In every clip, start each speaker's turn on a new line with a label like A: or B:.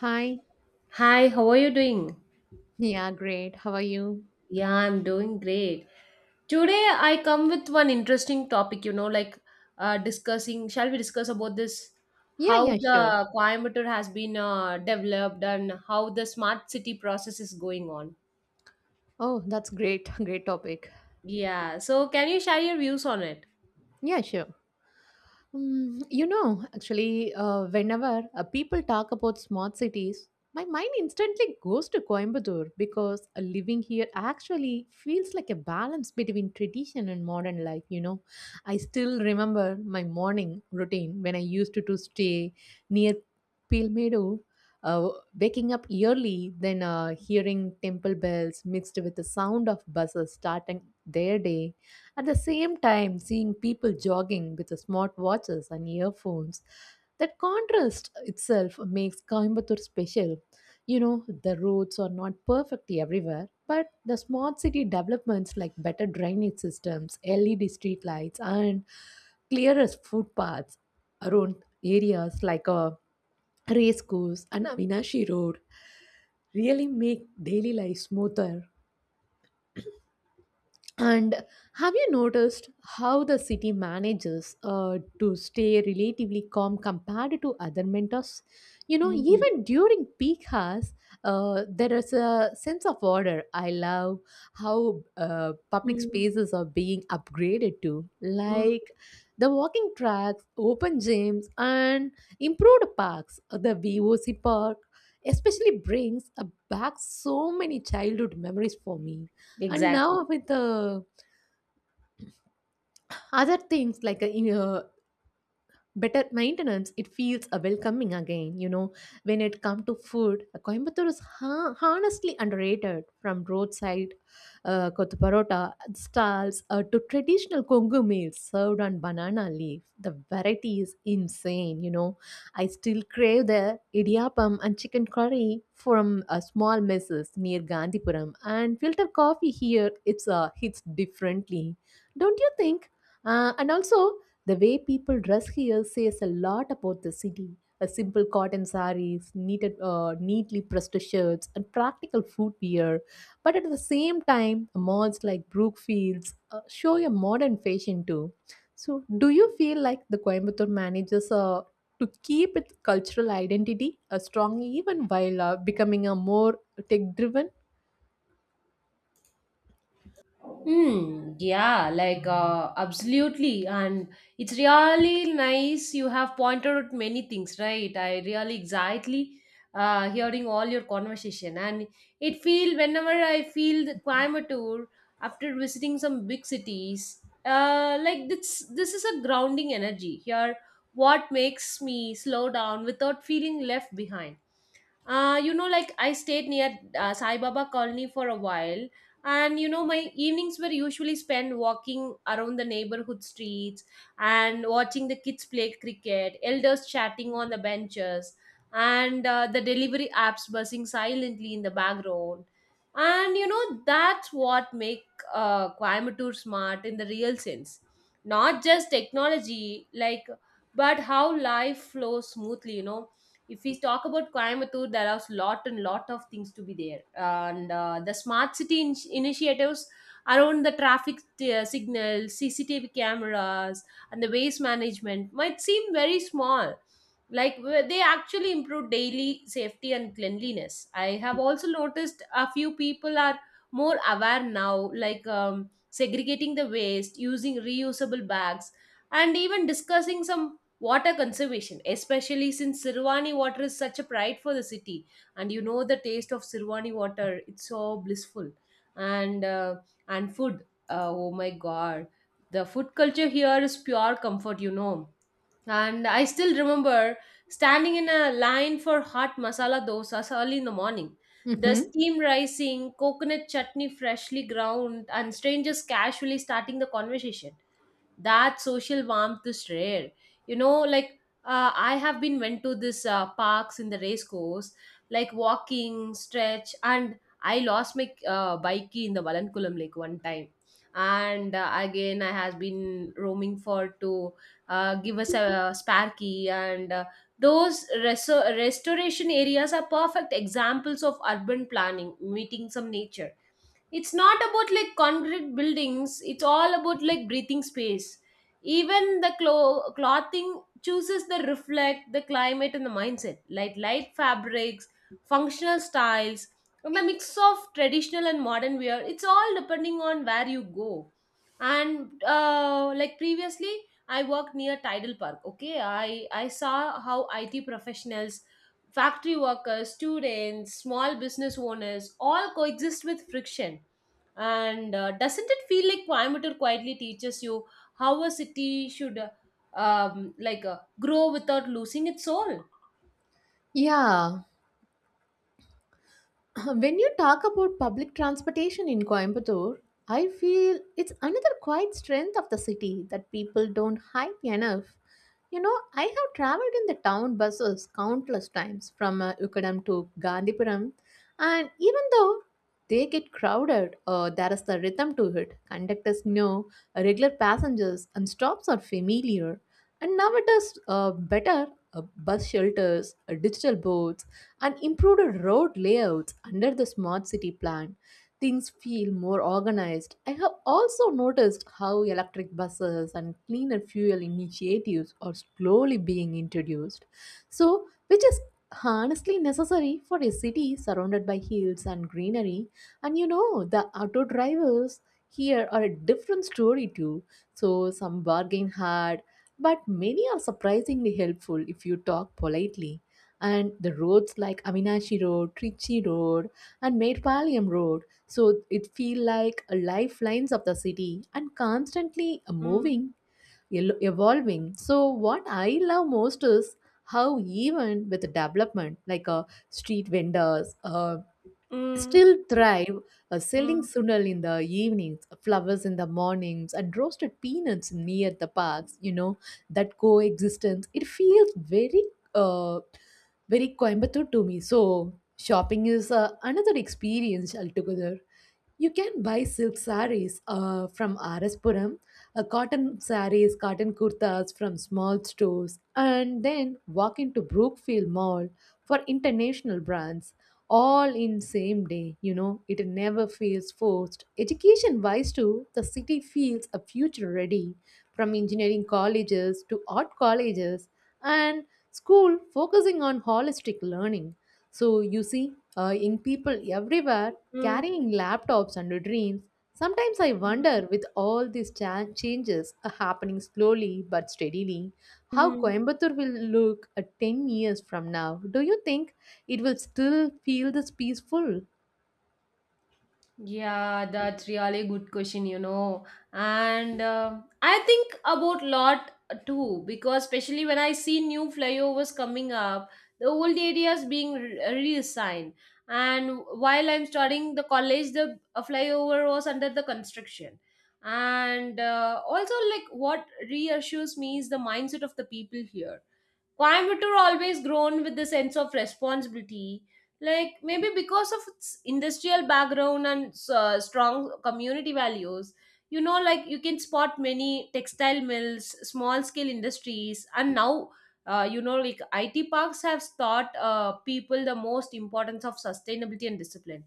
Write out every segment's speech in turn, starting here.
A: Hi.
B: Hi, how are you doing?
A: Yeah, great. How are you?
B: Yeah, I'm doing great. Today I come with one interesting topic, you know, like discussing, shall we discuss about this?
A: Yeah,
B: How
A: yeah, sure.
B: the Coimbatore has been developed and how the smart city process is going on.
A: Oh, that's great. Great topic.
B: Yeah, so can you share your views on it?
A: Yeah, sure. You know, actually, whenever people talk about smart cities, my mind instantly goes to Coimbatore because living here actually feels like a balance between tradition and modern life. You know, I still remember my morning routine when I used to stay near Pilmedo, uh, waking up early, then hearing temple bells mixed with the sound of buses starting their day at the same time, seeing people jogging with smart watches and earphones. That contrast itself makes Coimbatore special. You know, the roads are not perfect everywhere, but the smart city developments like better drainage systems, LED street lights, and clearer footpaths around areas like race course and Avinashi Road really make daily life smoother, and have you noticed how the city manages to stay relatively calm compared to other mentors? You know,
B: Hmm.
A: even during peak hours, there is a sense of order. I love how public
B: Hmm.
A: spaces are being upgraded to,
B: Hmm.
A: like the walking tracks, open gyms, and improved parks. The VOC park especially brings back so many childhood memories for me, and
B: Exactly.
A: now with the other things like better maintenance, it feels a welcoming again. You know, when it comes to food, Coimbatore is honestly underrated, from roadside kothu parota stalls to traditional kongu meals served on banana leaf. The variety is insane. You know, I still crave the idiyappam and chicken curry from a small messes near Gandhipuram, and filter coffee here, it's hits differently, don't you think? And also, the way people dress here says a lot about the city. A simple cotton saris, neatly pressed shirts, and practical footwear. But at the same time, malls like Brookfields show a modern fashion too. So, do you feel like the Coimbatore manages to keep its cultural identity strong even while becoming a more tech driven?
B: Hmm. Yeah, like absolutely, and it's really nice. You have pointed out many things, right? I really exactly hearing all your conversation, and it feel whenever I feel the Coimbatore after visiting some big cities, like this is a grounding energy here. What makes me slow down without feeling left behind? You know, like I stayed near Sai Baba Colony for a while, and you know, my evenings were usually spent walking around the neighborhood streets and watching the kids play cricket, elders chatting on the benches, and the delivery apps buzzing silently in the background. And you know, that's what make Coimbatore smart in the real sense, not just technology, like, but how life flows smoothly. You know, if we talk about Coimbatore, there are lot and lot of things to be there, and the smart city initiatives around the traffic signals, CCTV cameras, and the waste management might seem very small. Like they actually improve daily safety and cleanliness. I have also noticed a few people are more aware now, like segregating the waste, using reusable bags, and even discussing some water conservation, especially since Sirwani water is such a pride for the city, and you know the taste of Sirwani water, it's so blissful. And uh, and food, oh my god, the food culture here is pure comfort, you know. And I still remember standing in a line for hot masala dosas early in the morning. The
A: Mm-hmm.
B: steam rising, coconut chutney freshly ground, and strangers casually starting the conversation. That social warmth is rare, you know. Like I have been went to this parks in the race course, like walking stretch, and I lost my bike key in the Valankulam lake one time, and again I has been roaming for to give us a spare key, and those restoration areas are perfect examples of urban planning meeting some nature. It's not about like concrete buildings, it's all about like breathing space. Even the clothing chooses the reflect the climate and the mindset, like light fabrics, functional styles, and the mix of traditional and modern wear. It's all depending on where you go. And like previously I worked near Tidal Park, okay, I saw how IT professionals, factory workers, students, small business owners all coexist with friction. And doesn't it feel like Coimbatore quietly teaches you how a city should grow without losing its soul?
A: Yeah, when you talk about public transportation in Coimbatore, I feel it's another quiet strength of the city that people don't hype enough. You know, I have traveled in the town buses countless times from Ukadam to Gandhipuram, and even though they get crowded, there is the rhythm to it. Conductors know regular passengers, and stops are familiar. And now it is better bus shelters, digital boards and improved road layouts under the smart city plan. Things feel more organized. I have also noticed how electric buses and cleaner fuel initiatives are slowly being introduced, so which is honestly necessary for a city surrounded by hills and greenery. And you know, the auto drivers here are a different story too. So, some bargain hard, but many are surprisingly helpful if you talk politely, and the roads like Aminashi Road, Trichy Road, and Medpalyam Road, so it feel like a lifelines of the city, and constantly
B: Mm,
A: moving, evolving. So what I love most is how even with the development, like street vendors,
B: mm,
A: still thrive, selling
B: mm,
A: sundal in the evenings, flowers in the mornings, and roasted peanuts near the parks. You know, that coexistence, it feels uh, very Coimbatore to me. So, shopping is another experience altogether. You can buy silk sarees from RS Puram, cotton sarees, cotton kurtas from small stores, and then walk into Brookfield Mall for international brands, all in same day. You know, it never feels forced. Education wise too, the city feels a future ready, from engineering colleges to art colleges, and school focusing on holistic learning. So you see young people everywhere
B: mm,
A: carrying laptops and dreams. Sometimes I wonder,
B: mm,
A: with all these changes are happening slowly but steadily, how
B: mm.
A: Coimbatore will look at 10 years from now. Do you think it will still feel this peaceful?
B: Yeah, that's really good question, you know. And I think about lot too, because especially when I see new flyovers coming up, the old areas being reassigned. And while I'm studying the college, the flyover was under the construction. And also, like what reassures me is the mindset of the people here. Coimbatore always grown with the sense of responsibility. Like maybe because of its industrial background and strong community values, you know, like you can spot many textile mills, small scale industries, and now, you know, like IT parks have taught people the most importance of sustainability and discipline.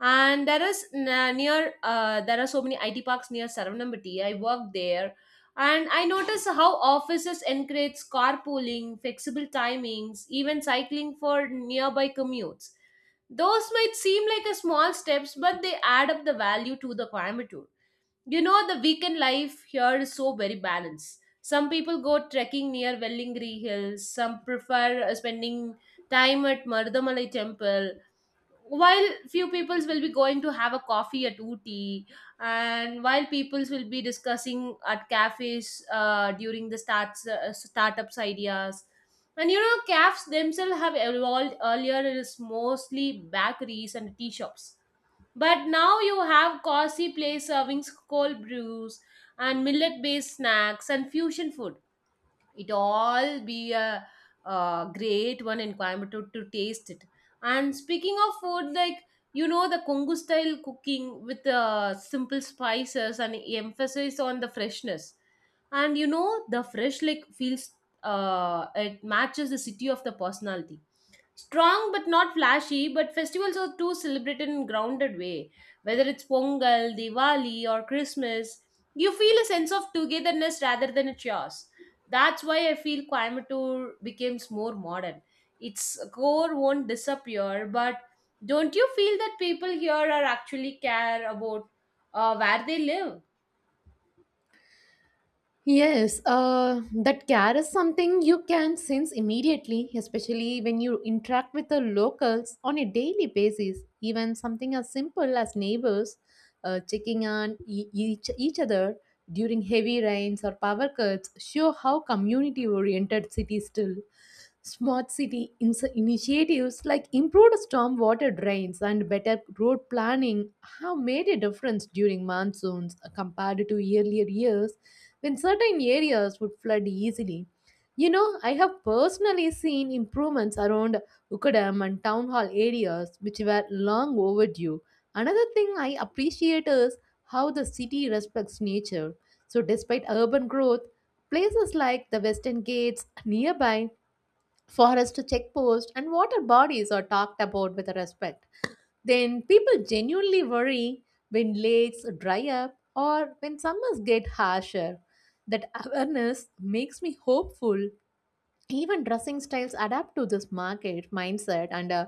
B: And there is n- near there are so many IT parks near Saravannambati. I work there, and I notice how offices encourage carpooling, flexible timings, even cycling for nearby commutes. Those might seem like a small steps, but they add up the value to the Coimbatore. You know, the weekend life here is so very balanced. Some people go trekking near Wellingri Hills, some prefer spending time at Mardamalai Temple, while few peoples will be going to have a coffee at Ooty, and while peoples will be discussing at cafes during the starts startups ideas. And you know, cafes themselves have evolved. Earlier, it is mostly bakeries and tea shops, but now you have cozy place serving cold brews and millet based snacks and fusion food. It all be a great one in Coimbatore to taste it. And speaking of food, like you know, the Kongu style cooking with simple spices and emphasis on the freshness. And you know, the fresh like feels it matches the city of the personality. Strong but not flashy, but festivals are too celebrated in grounded way. Whether it's Pongal, Diwali, or Christmas, you feel a sense of togetherness rather than a chaos. That's why I feel Coimbatore becomes more modern. Its core won't disappear, but don't you feel that people here are actually care about where they live?
A: Yes, that care is something you can sense immediately, especially when you interact with the locals on a daily basis. Even something as simple as neighbors checking on each other during heavy rains or power cuts show how community oriented cities still. Smart city initiatives like improved stormwater drains and better road planning have made a difference during monsoons compared to earlier years when certain areas would flood easily. You know, I have personally seen improvements around Ukadam and town hall areas which were long overdue. Another thing I appreciate is how the city respects nature. So, despite urban growth, places like the Western Gates, nearby forest checkpost, and water bodies are talked about with respect. Then people genuinely worry when lakes dry up or when summers get harsher. That awareness makes me hopeful, even dressing styles adapt to this market mindset, and uh,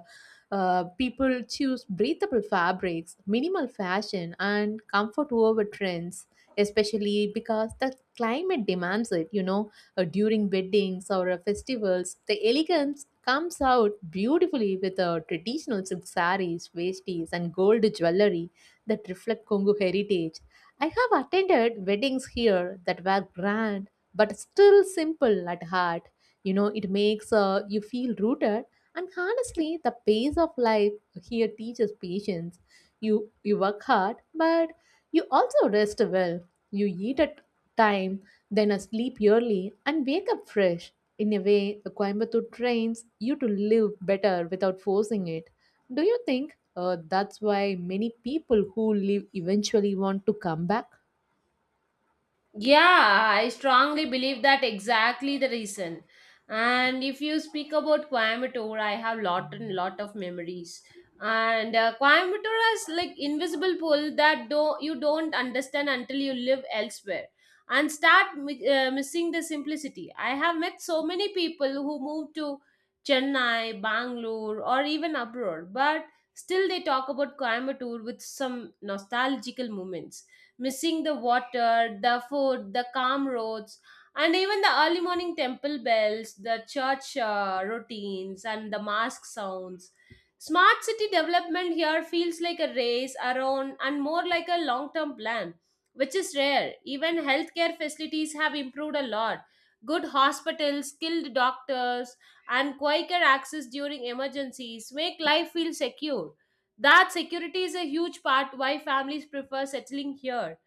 A: uh, people choose breathable fabrics, minimal fashion, and comfort over trends, especially because the climate demands it. You know, during weddings or festivals, the elegance comes out beautifully, with traditional silk sarees, vesties, and gold jewelry that reflect congo heritage. I have attended weddings here that were grand but still simple at heart. You know, it makes you feel rooted. And honestly, the pace of life here teaches patience. You work hard, but you also rest well. You eat at time, then sleep early, and wake up fresh. In a way, Coimbatore trains you to live better without forcing it. Do you think that's why many people who leave eventually want to come back?
B: Yeah, I strongly believe that exactly the reason. And if you speak about Coimbatore, I have lot and lot of memories. And Coimbatore has like invisible pull that do you don't understand until you live elsewhere and start missing the simplicity. I have met so many people who moved to Chennai, Bangalore, or even abroad, but still they talk about Coimbatore with some nostalgical moments, missing the water, the food, the calm roads, and even the early morning temple bells, the church routines, and the mosque sounds. Smart city development here feels like a race around and more like a long term plan, which is rare. Even healthcare facilities have improved a lot. Good hospitals, skilled doctors, and quicker access during emergencies make life feel secure. That security is a huge part why families prefer settling here.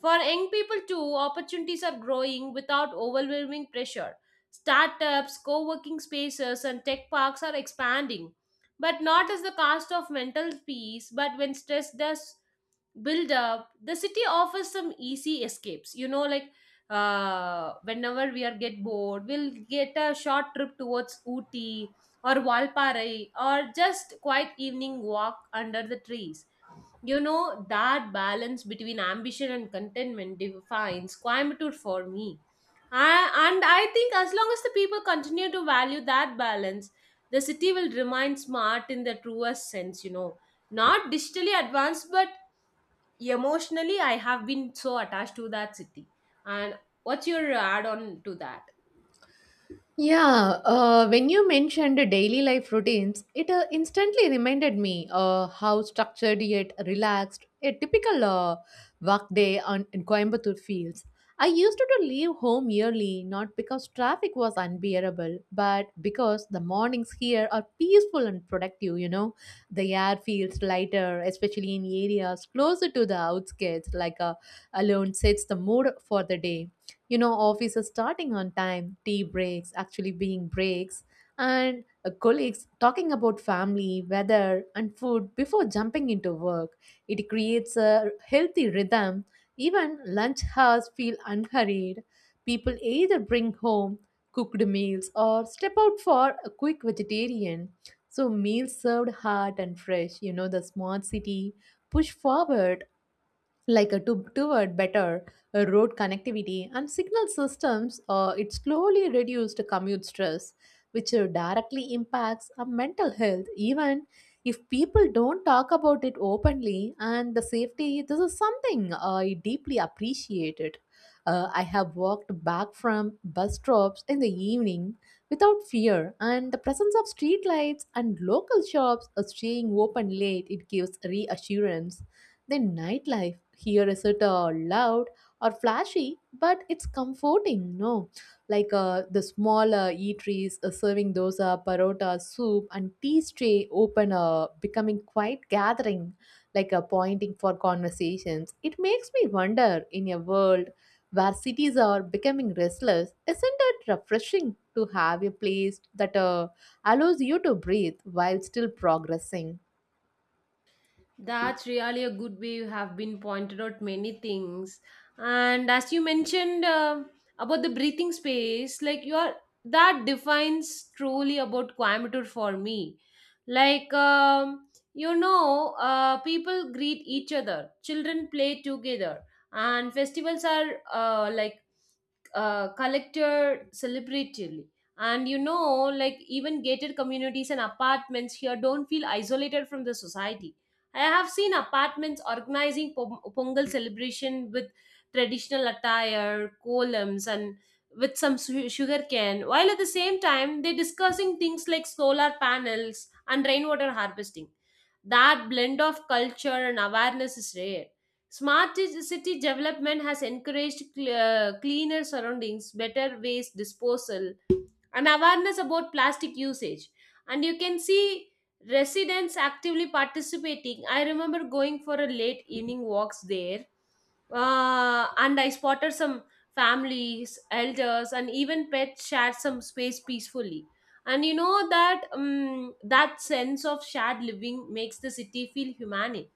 B: For young people too, opportunities are growing without overwhelming pressure. Startups, co-working spaces and tech parks are expanding, but not at the cost of mental peace. But when stress does build up, the city offers some easy escapes, you know, like whenever we are get bored, we'll get a short trip towards Ooty or Walparai, or just quiet evening walk under the trees. You know that balance between ambition and contentment defines Coimbatore for me. And I think as long as the people continue to value that balance, the city will remain smart in the truest sense, you know, not digitally advanced, but emotionally. I have been so attached to that city, and what's your add on to that?
A: Yeah, when you mentioned daily life routines, it instantly reminded me how structured yet relaxed a typical work day in Coimbatore feels. I used to leave home early not because traffic was unbearable, but because the mornings here are peaceful and productive, you know. The air feels lighter, especially in areas closer to the outskirts, like alone sets the mood for the day. You know, offices starting on time, tea breaks actually being breaks, and colleagues talking about family, weather, and food before jumping into work. It creates a healthy rhythm. Even lunch hours feel unhurried. People either bring home cooked meals or step out for a quick vegetarian, so meals served hot and fresh. You know, the smart city push forward like a toward better road connectivity and signal systems, it slowly reduced commute stress, which directly impacts our mental health, even if people don't talk about it openly. And the safety, this is something I deeply appreciate it. I have walked back from bus stops in the evening without fear, and the presence of streetlights and local shops staying open late, it gives reassurance. Then nightlife here isn't loud or flashy, but it's comforting, no? Like the small eateries serving dosa, parota, soup, and tea tray open, becoming quite gathering, like a pointing for conversations. It makes me wonder, in a world where cities are becoming restless, isn't it refreshing to have a place that allows you to breathe while still progressing?
B: That's really a good way. You have been pointed out many things, and as you mentioned about the breathing space, like you are, that defines truly about Coimbatore for me. Like you know, people greet each other, children play together, and festivals are uh, like collected celebratively. And you know, like even gated communities and apartments here don't feel isolated from the society. I have seen apartments organizing Pongal celebration with traditional attire, columns, and with some sugarcane, while at the same time they're discussing things like solar panels and rainwater harvesting. That blend of culture and awareness is rare. Smart city development has encouraged cleaner surroundings, better waste disposal, and awareness about plastic usage. And you can see residents actively participating. I remember going for a late evening walks there, and I spotted some families, elders, and even pets shared some space peacefully. And you know that that sense of shared living makes the city feel humane.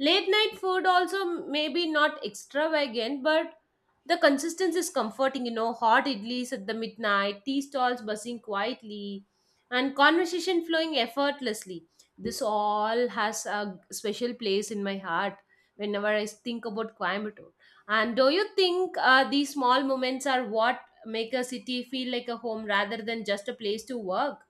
B: Late night food also maybe not extravagant, but the consistency is comforting, you know, hot idlis at the midnight, tea stalls buzzing quietly, and conversation flowing effortlessly. This all has a special place in my heart whenever I think about Coimbatore. And do you think these small moments are what make a city feel like a home rather than just a place to work?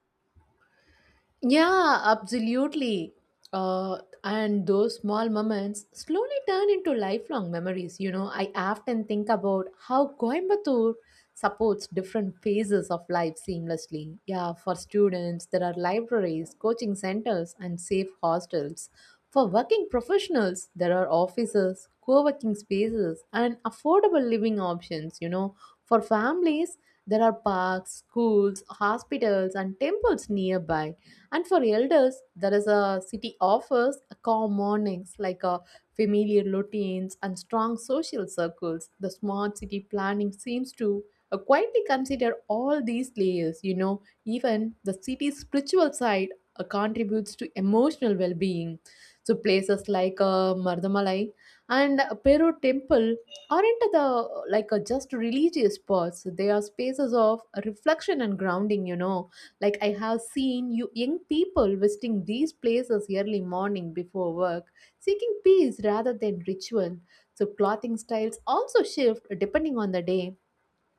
A: Yeah, absolutely. Uh, and those small moments slowly turn into lifelong memories. You know, I often think about how Coimbatore supports different phases of life seamlessly. Yeah, for students, there are libraries, coaching centers, and safe hostels. For working professionals, there are offices, co working spaces, and affordable living options. You know, for families, there are parks, schools, hospitals, and temples nearby. And for elders, there is a city offers calm mornings like a familiar routines and strong social circles. The smart city planning seems to quietly consider all these layers. You know, even the city's spiritual side contributes to emotional well-being. So places like Mardamalai and Peru Temple aren't the like just religious spots. They are spaces of reflection and grounding. You know, like I have seen you young people visiting these places early morning before work, seeking peace rather than ritual. So clothing styles also shift depending on the day.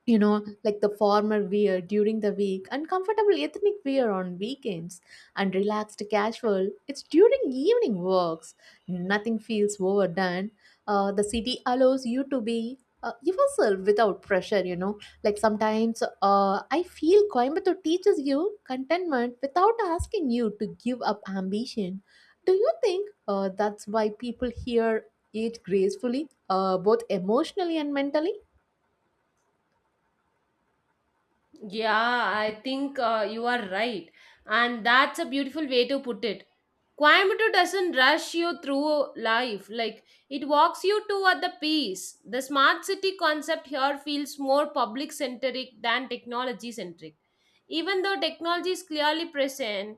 A: You know, like the formal wear during the week, uncomfortable ethnic wear on weekends, and relaxed casual, it's during evening works. Nothing feels overdone. The city allows you to be yourself without pressure, you know. Like sometimes I feel Coimbatore teaches you contentment without asking you to give up ambition. Do you think that's why people here age gracefully, both emotionally and mentally?
B: Yeah, I think you are right. And that's a beautiful way to put it. Coimbatore doesn't rush you through life, like it walks you toward the peace. The smart city concept here feels more public centric than technology centric. Even though technology is clearly present,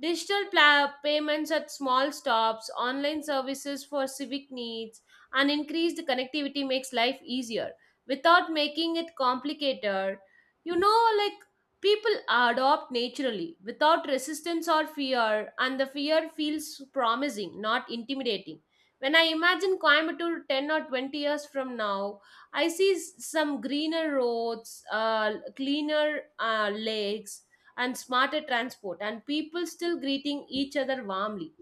B: digital payments at small stops, online services for civic needs, and increased connectivity makes life easier without making it complicated. You know, like people adopt naturally without resistance or fear, and the fear feels promising, not intimidating. When I imagine Coimbatore 10 or 20 years from now, I see some greener roads, cleaner lakes, and smarter transport, and people still greeting each other warmly.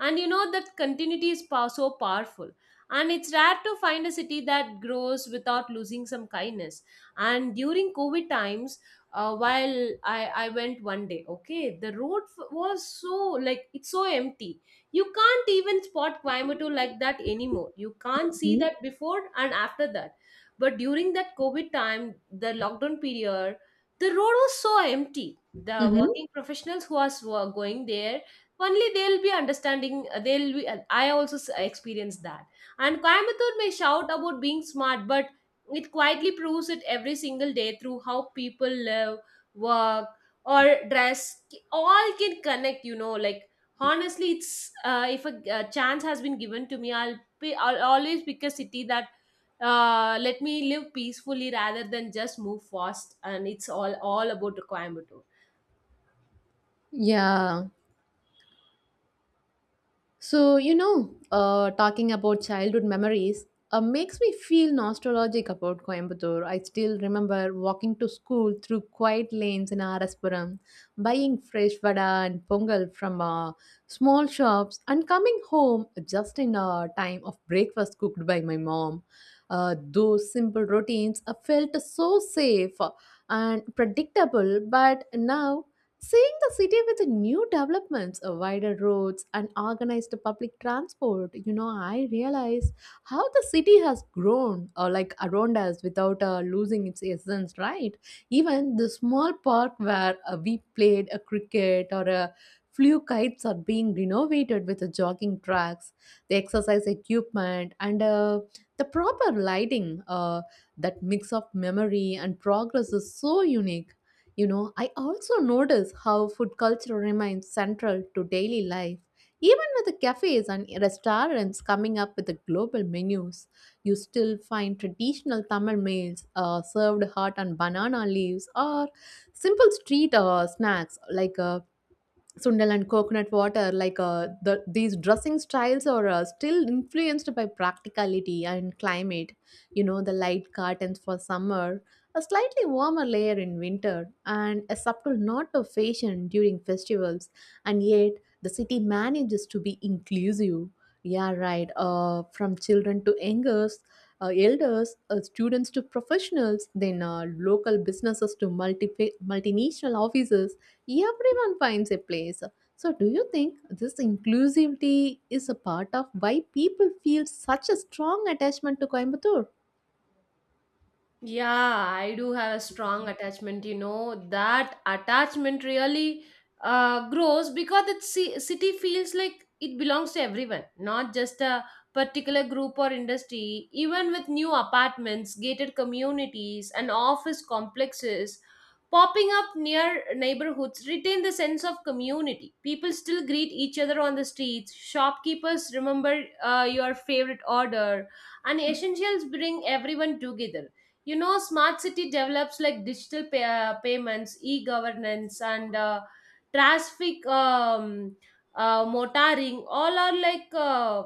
B: And you know that continuity is so powerful. And it's rare to find a city that grows without losing some kindness. And during COVID times, while I I went one day. Okay, the road was so like it's so empty. You can't even spot Coimbatore like that anymore. You can't see that before and after that, but during that COVID time, the lockdown period, the road was so empty. The
A: Mhm.
B: working professionals who was- who are s- were going there only, they'll be understanding. They'll be I also experienced that. And Coimbatore may shout about being smart, but it quietly proves it every single day through how people live, work, or dress. All can connect, Like honestly, it's if a chance has been given to me, I'll always pick a city that let me live peacefully rather than just move fast. And it's all about the Coimbatore.
A: Yeah. So, you know, talking about childhood memories makes me feel nostalgic about Coimbatore. I still remember walking to school through quiet lanes in Araspuram, buying fresh vada and pongal from small shops, and coming home just in time of breakfast cooked by my mom. Those simple routines felt so safe and predictable. But now, seeing the city with the new developments, wider roads, and organized public transport, you know, I realize how the city has grown, like around us, without losing its essence, right? Even the small park where we played a cricket or a flew kites are being renovated with the jogging tracks, the exercise equipment, and the proper lighting. That mix of memory and progress is so unique. You know, I also notice how food culture remains central to daily life. Even with the cafes and restaurants coming up with the global menus, you still find traditional Tamil meals served hot on banana leaves or simple street snacks like sundal and coconut water. Like these dressing styles are still influenced by practicality and climate, you know, the light curtains for summer, a slightly warmer layer in winter, and a subtle nod of fashion during festivals. And yet the city manages to be inclusive. Yeah, right, from children to youngers, elders, students to professionals, then local businesses to multinational offices. Everyone finds a place. So, do you think this inclusivity is a part of why people feel such a strong attachment to Coimbatore?
B: Yeah, I do have a strong attachment. You know, that attachment really grows because the city feels like it belongs to everyone, not just a particular group or industry. Even with new apartments, gated communities, and office complexes popping up near neighborhoods, retain the sense of community. People still greet each other on the streets. Shopkeepers remember your favorite order, and essentials bring everyone together. You know, smart city develops like digital payments, e-governance, and traffic motoring, all are like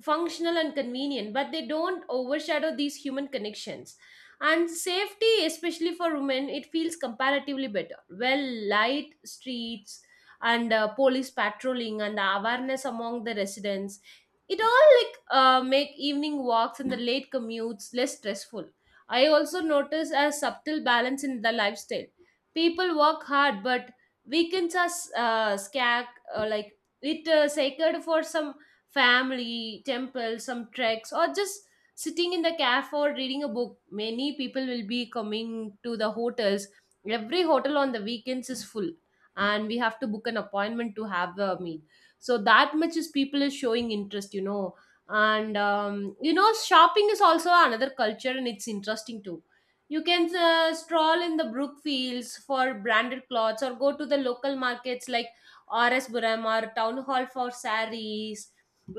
B: functional and convenient, but they don't overshadow these human connections. And safety, especially for women, it feels comparatively better. Well, light streets and police patrolling and the awareness among the residents, it all like make evening walks and the late commutes less stressful. I also notice a subtle balance in the lifestyle. People work hard, but weekends are scarce, like it sacred for some family, temple, some treks, or just sitting in the cafe or reading a book. Many people will be coming to the hotels. Every hotel on the weekends is full, and we have to book an appointment to have a meal. So that much is people is showing interest, And shopping is also another culture, and it's interesting too. You can stroll in the brook fields for branded clothes, or go to the local markets like R. S. Buramar, town hall for sarees,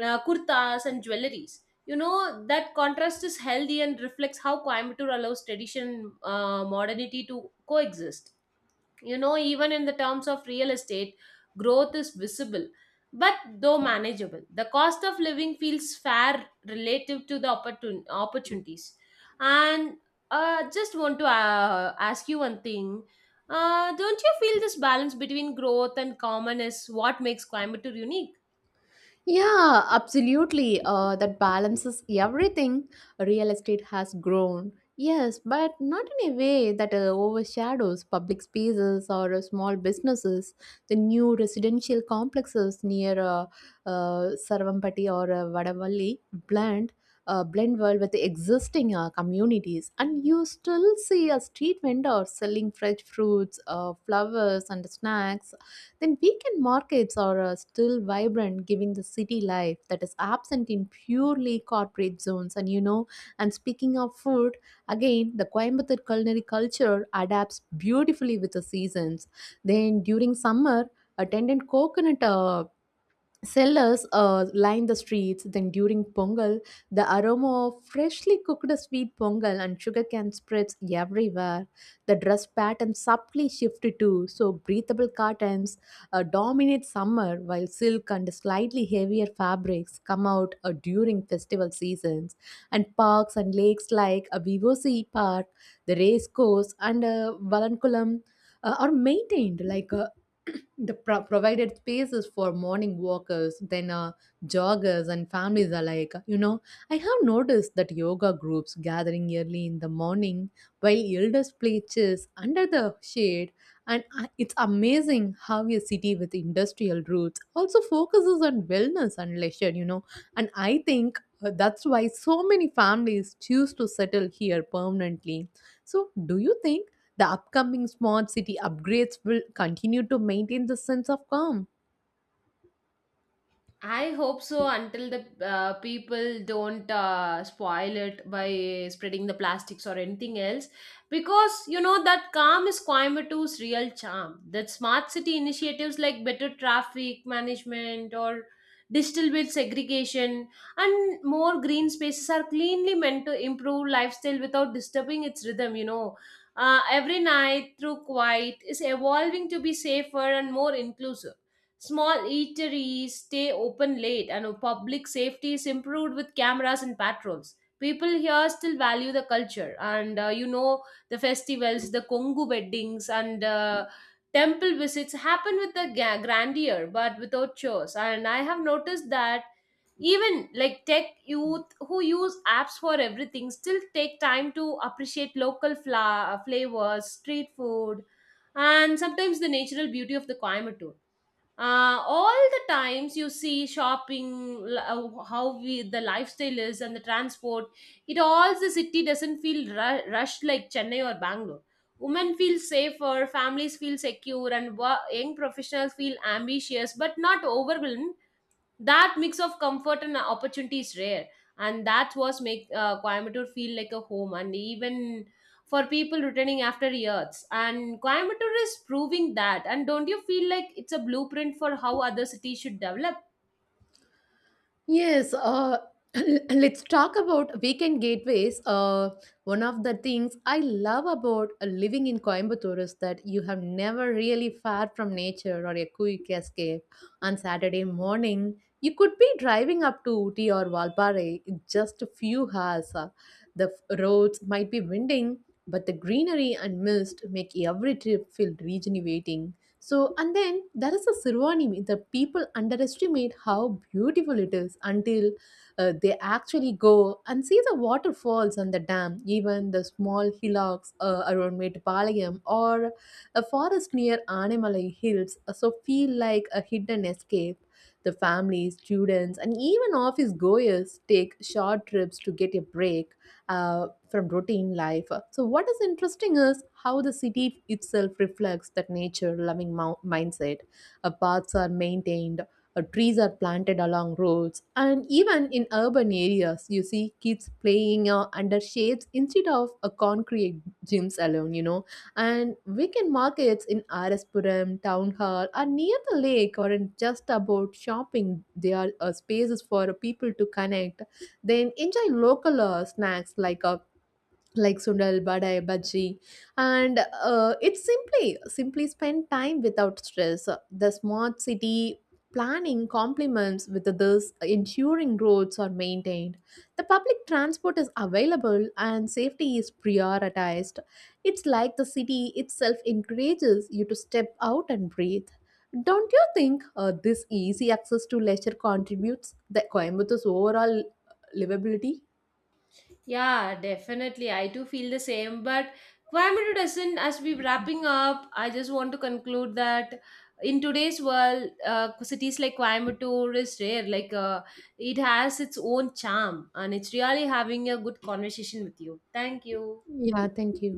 B: kurtas and jewelries. You know, that contrast is healthy and reflects how Coimbatore allows tradition and modernity to coexist. You know, even in the terms of real estate, growth is visible, but though manageable. The cost of living feels fair relative to the opportunities. And just want to ask you one thing. Don't you feel this balance between growth and common is what makes Coimbatore unique?
A: Yeah, absolutely. That balances everything. Real estate has grown, yes, but not in a way that overshadows public spaces or small businesses. The new residential complexes near Sarvampati or Vadavalli blend. Blend well with the existing communities, and you still see a street vendor selling fresh fruits, flowers, and snacks. Then weekend markets are still vibrant, giving the city life that is absent in purely corporate zones. And you know, and speaking of food again, the Coimbatore culinary culture adapts beautifully with the seasons. Then during summer, attendant coconut sellers line the streets, then during Pongal, the aroma of freshly cooked sweet Pongal and sugarcane spreads everywhere. The dress pattern subtly shifted too, so breathable curtains dominate summer, while silk and slightly heavier fabrics come out during festival seasons. And parks and lakes like Vivosi Park, the race course, and Valankulam are maintained like a provided spaces for morning walkers, then joggers and families alike. You know, I have noticed that yoga groups gathering early in the morning while elders play chess under the shade. And it's amazing how a city with industrial roots also focuses on wellness and leisure, you know. And I think that's why so many families choose to settle here permanently. So, do you think the upcoming smart city upgrades will continue to maintain the sense of calm?
B: I hope so until the people don't spoil it by spreading the plastics or anything else. Because you know that calm is Coimbatoore's real charm. That smart city initiatives like better traffic management or digital waste segregation and more green spaces are cleanly meant to improve lifestyle without disturbing its rhythm, Every night through quiet is evolving to be safer and more inclusive. Small eateries stay open late, and public safety is improved with cameras and patrols. People here still value the culture, and you know, the festivals, the Kongu weddings, and temple visits happen with the grandeur, but without chores. And I have noticed that even like tech youth who use apps for everything still take time to appreciate local flavors, street food, and sometimes the natural beauty of the Coimbatore. All the times you see shopping the lifestyle is and the transport, it all, the city doesn't feel rushed like Chennai or Bangalore. Women feel safer, families feel secure, and young professionals feel ambitious but not overwhelmed. That mix of comfort and opportunity is rare, and that was make Coimbatore feel like a home, and even for people returning after years, and Coimbatore is proving that. And don't you feel like it's a blueprint for how other cities should develop?
A: Yes, let's talk about weekend gateways. One of the things I love about living in Coimbatore is that you have never really far from nature or a quick escape. On Saturday morning, you could be driving up to Uti or Valpara in just a few hours. The roads might be winding, but the greenery and mist make every trip feel rejuvenating. So, and then there is a Sirwani meat that people underestimate how beautiful it is until they actually go and see the waterfalls on the dam, even the small hillocks around Metupalayam or a forest near Anemalai Hills. So, feel like a hidden escape. The families, students, and even office goers take short trips to get a break from routine life. So, what is interesting is how the city itself reflects that nature loving mindset. Paths are maintained, trees are planted along roads, and even in urban areas, you see kids playing under shades instead of a concrete gyms alone, you know. And weekend markets in Araspuram, Town Hall, are near the lake or in just about shopping, they are spaces for people to connect, then enjoy local snacks like sundal badai bhaji, and it's simply spend time without stress. The smart city planning complements with this, ensuring roads are maintained, the public transport is available, and safety is prioritized. It's like the city itself encourages you to step out and breathe. Don't you think this easy access to leisure contributes the Coimbatore overall livability?
B: Yeah, definitely. I do feel the same. But Coimbatore doesn't, as we wrapping up, I just want to conclude that in today's world, cities like Coimbatore is rare. Like it has its own charm, and it's really having a good conversation with you. Thank you.
A: Yeah, thank you.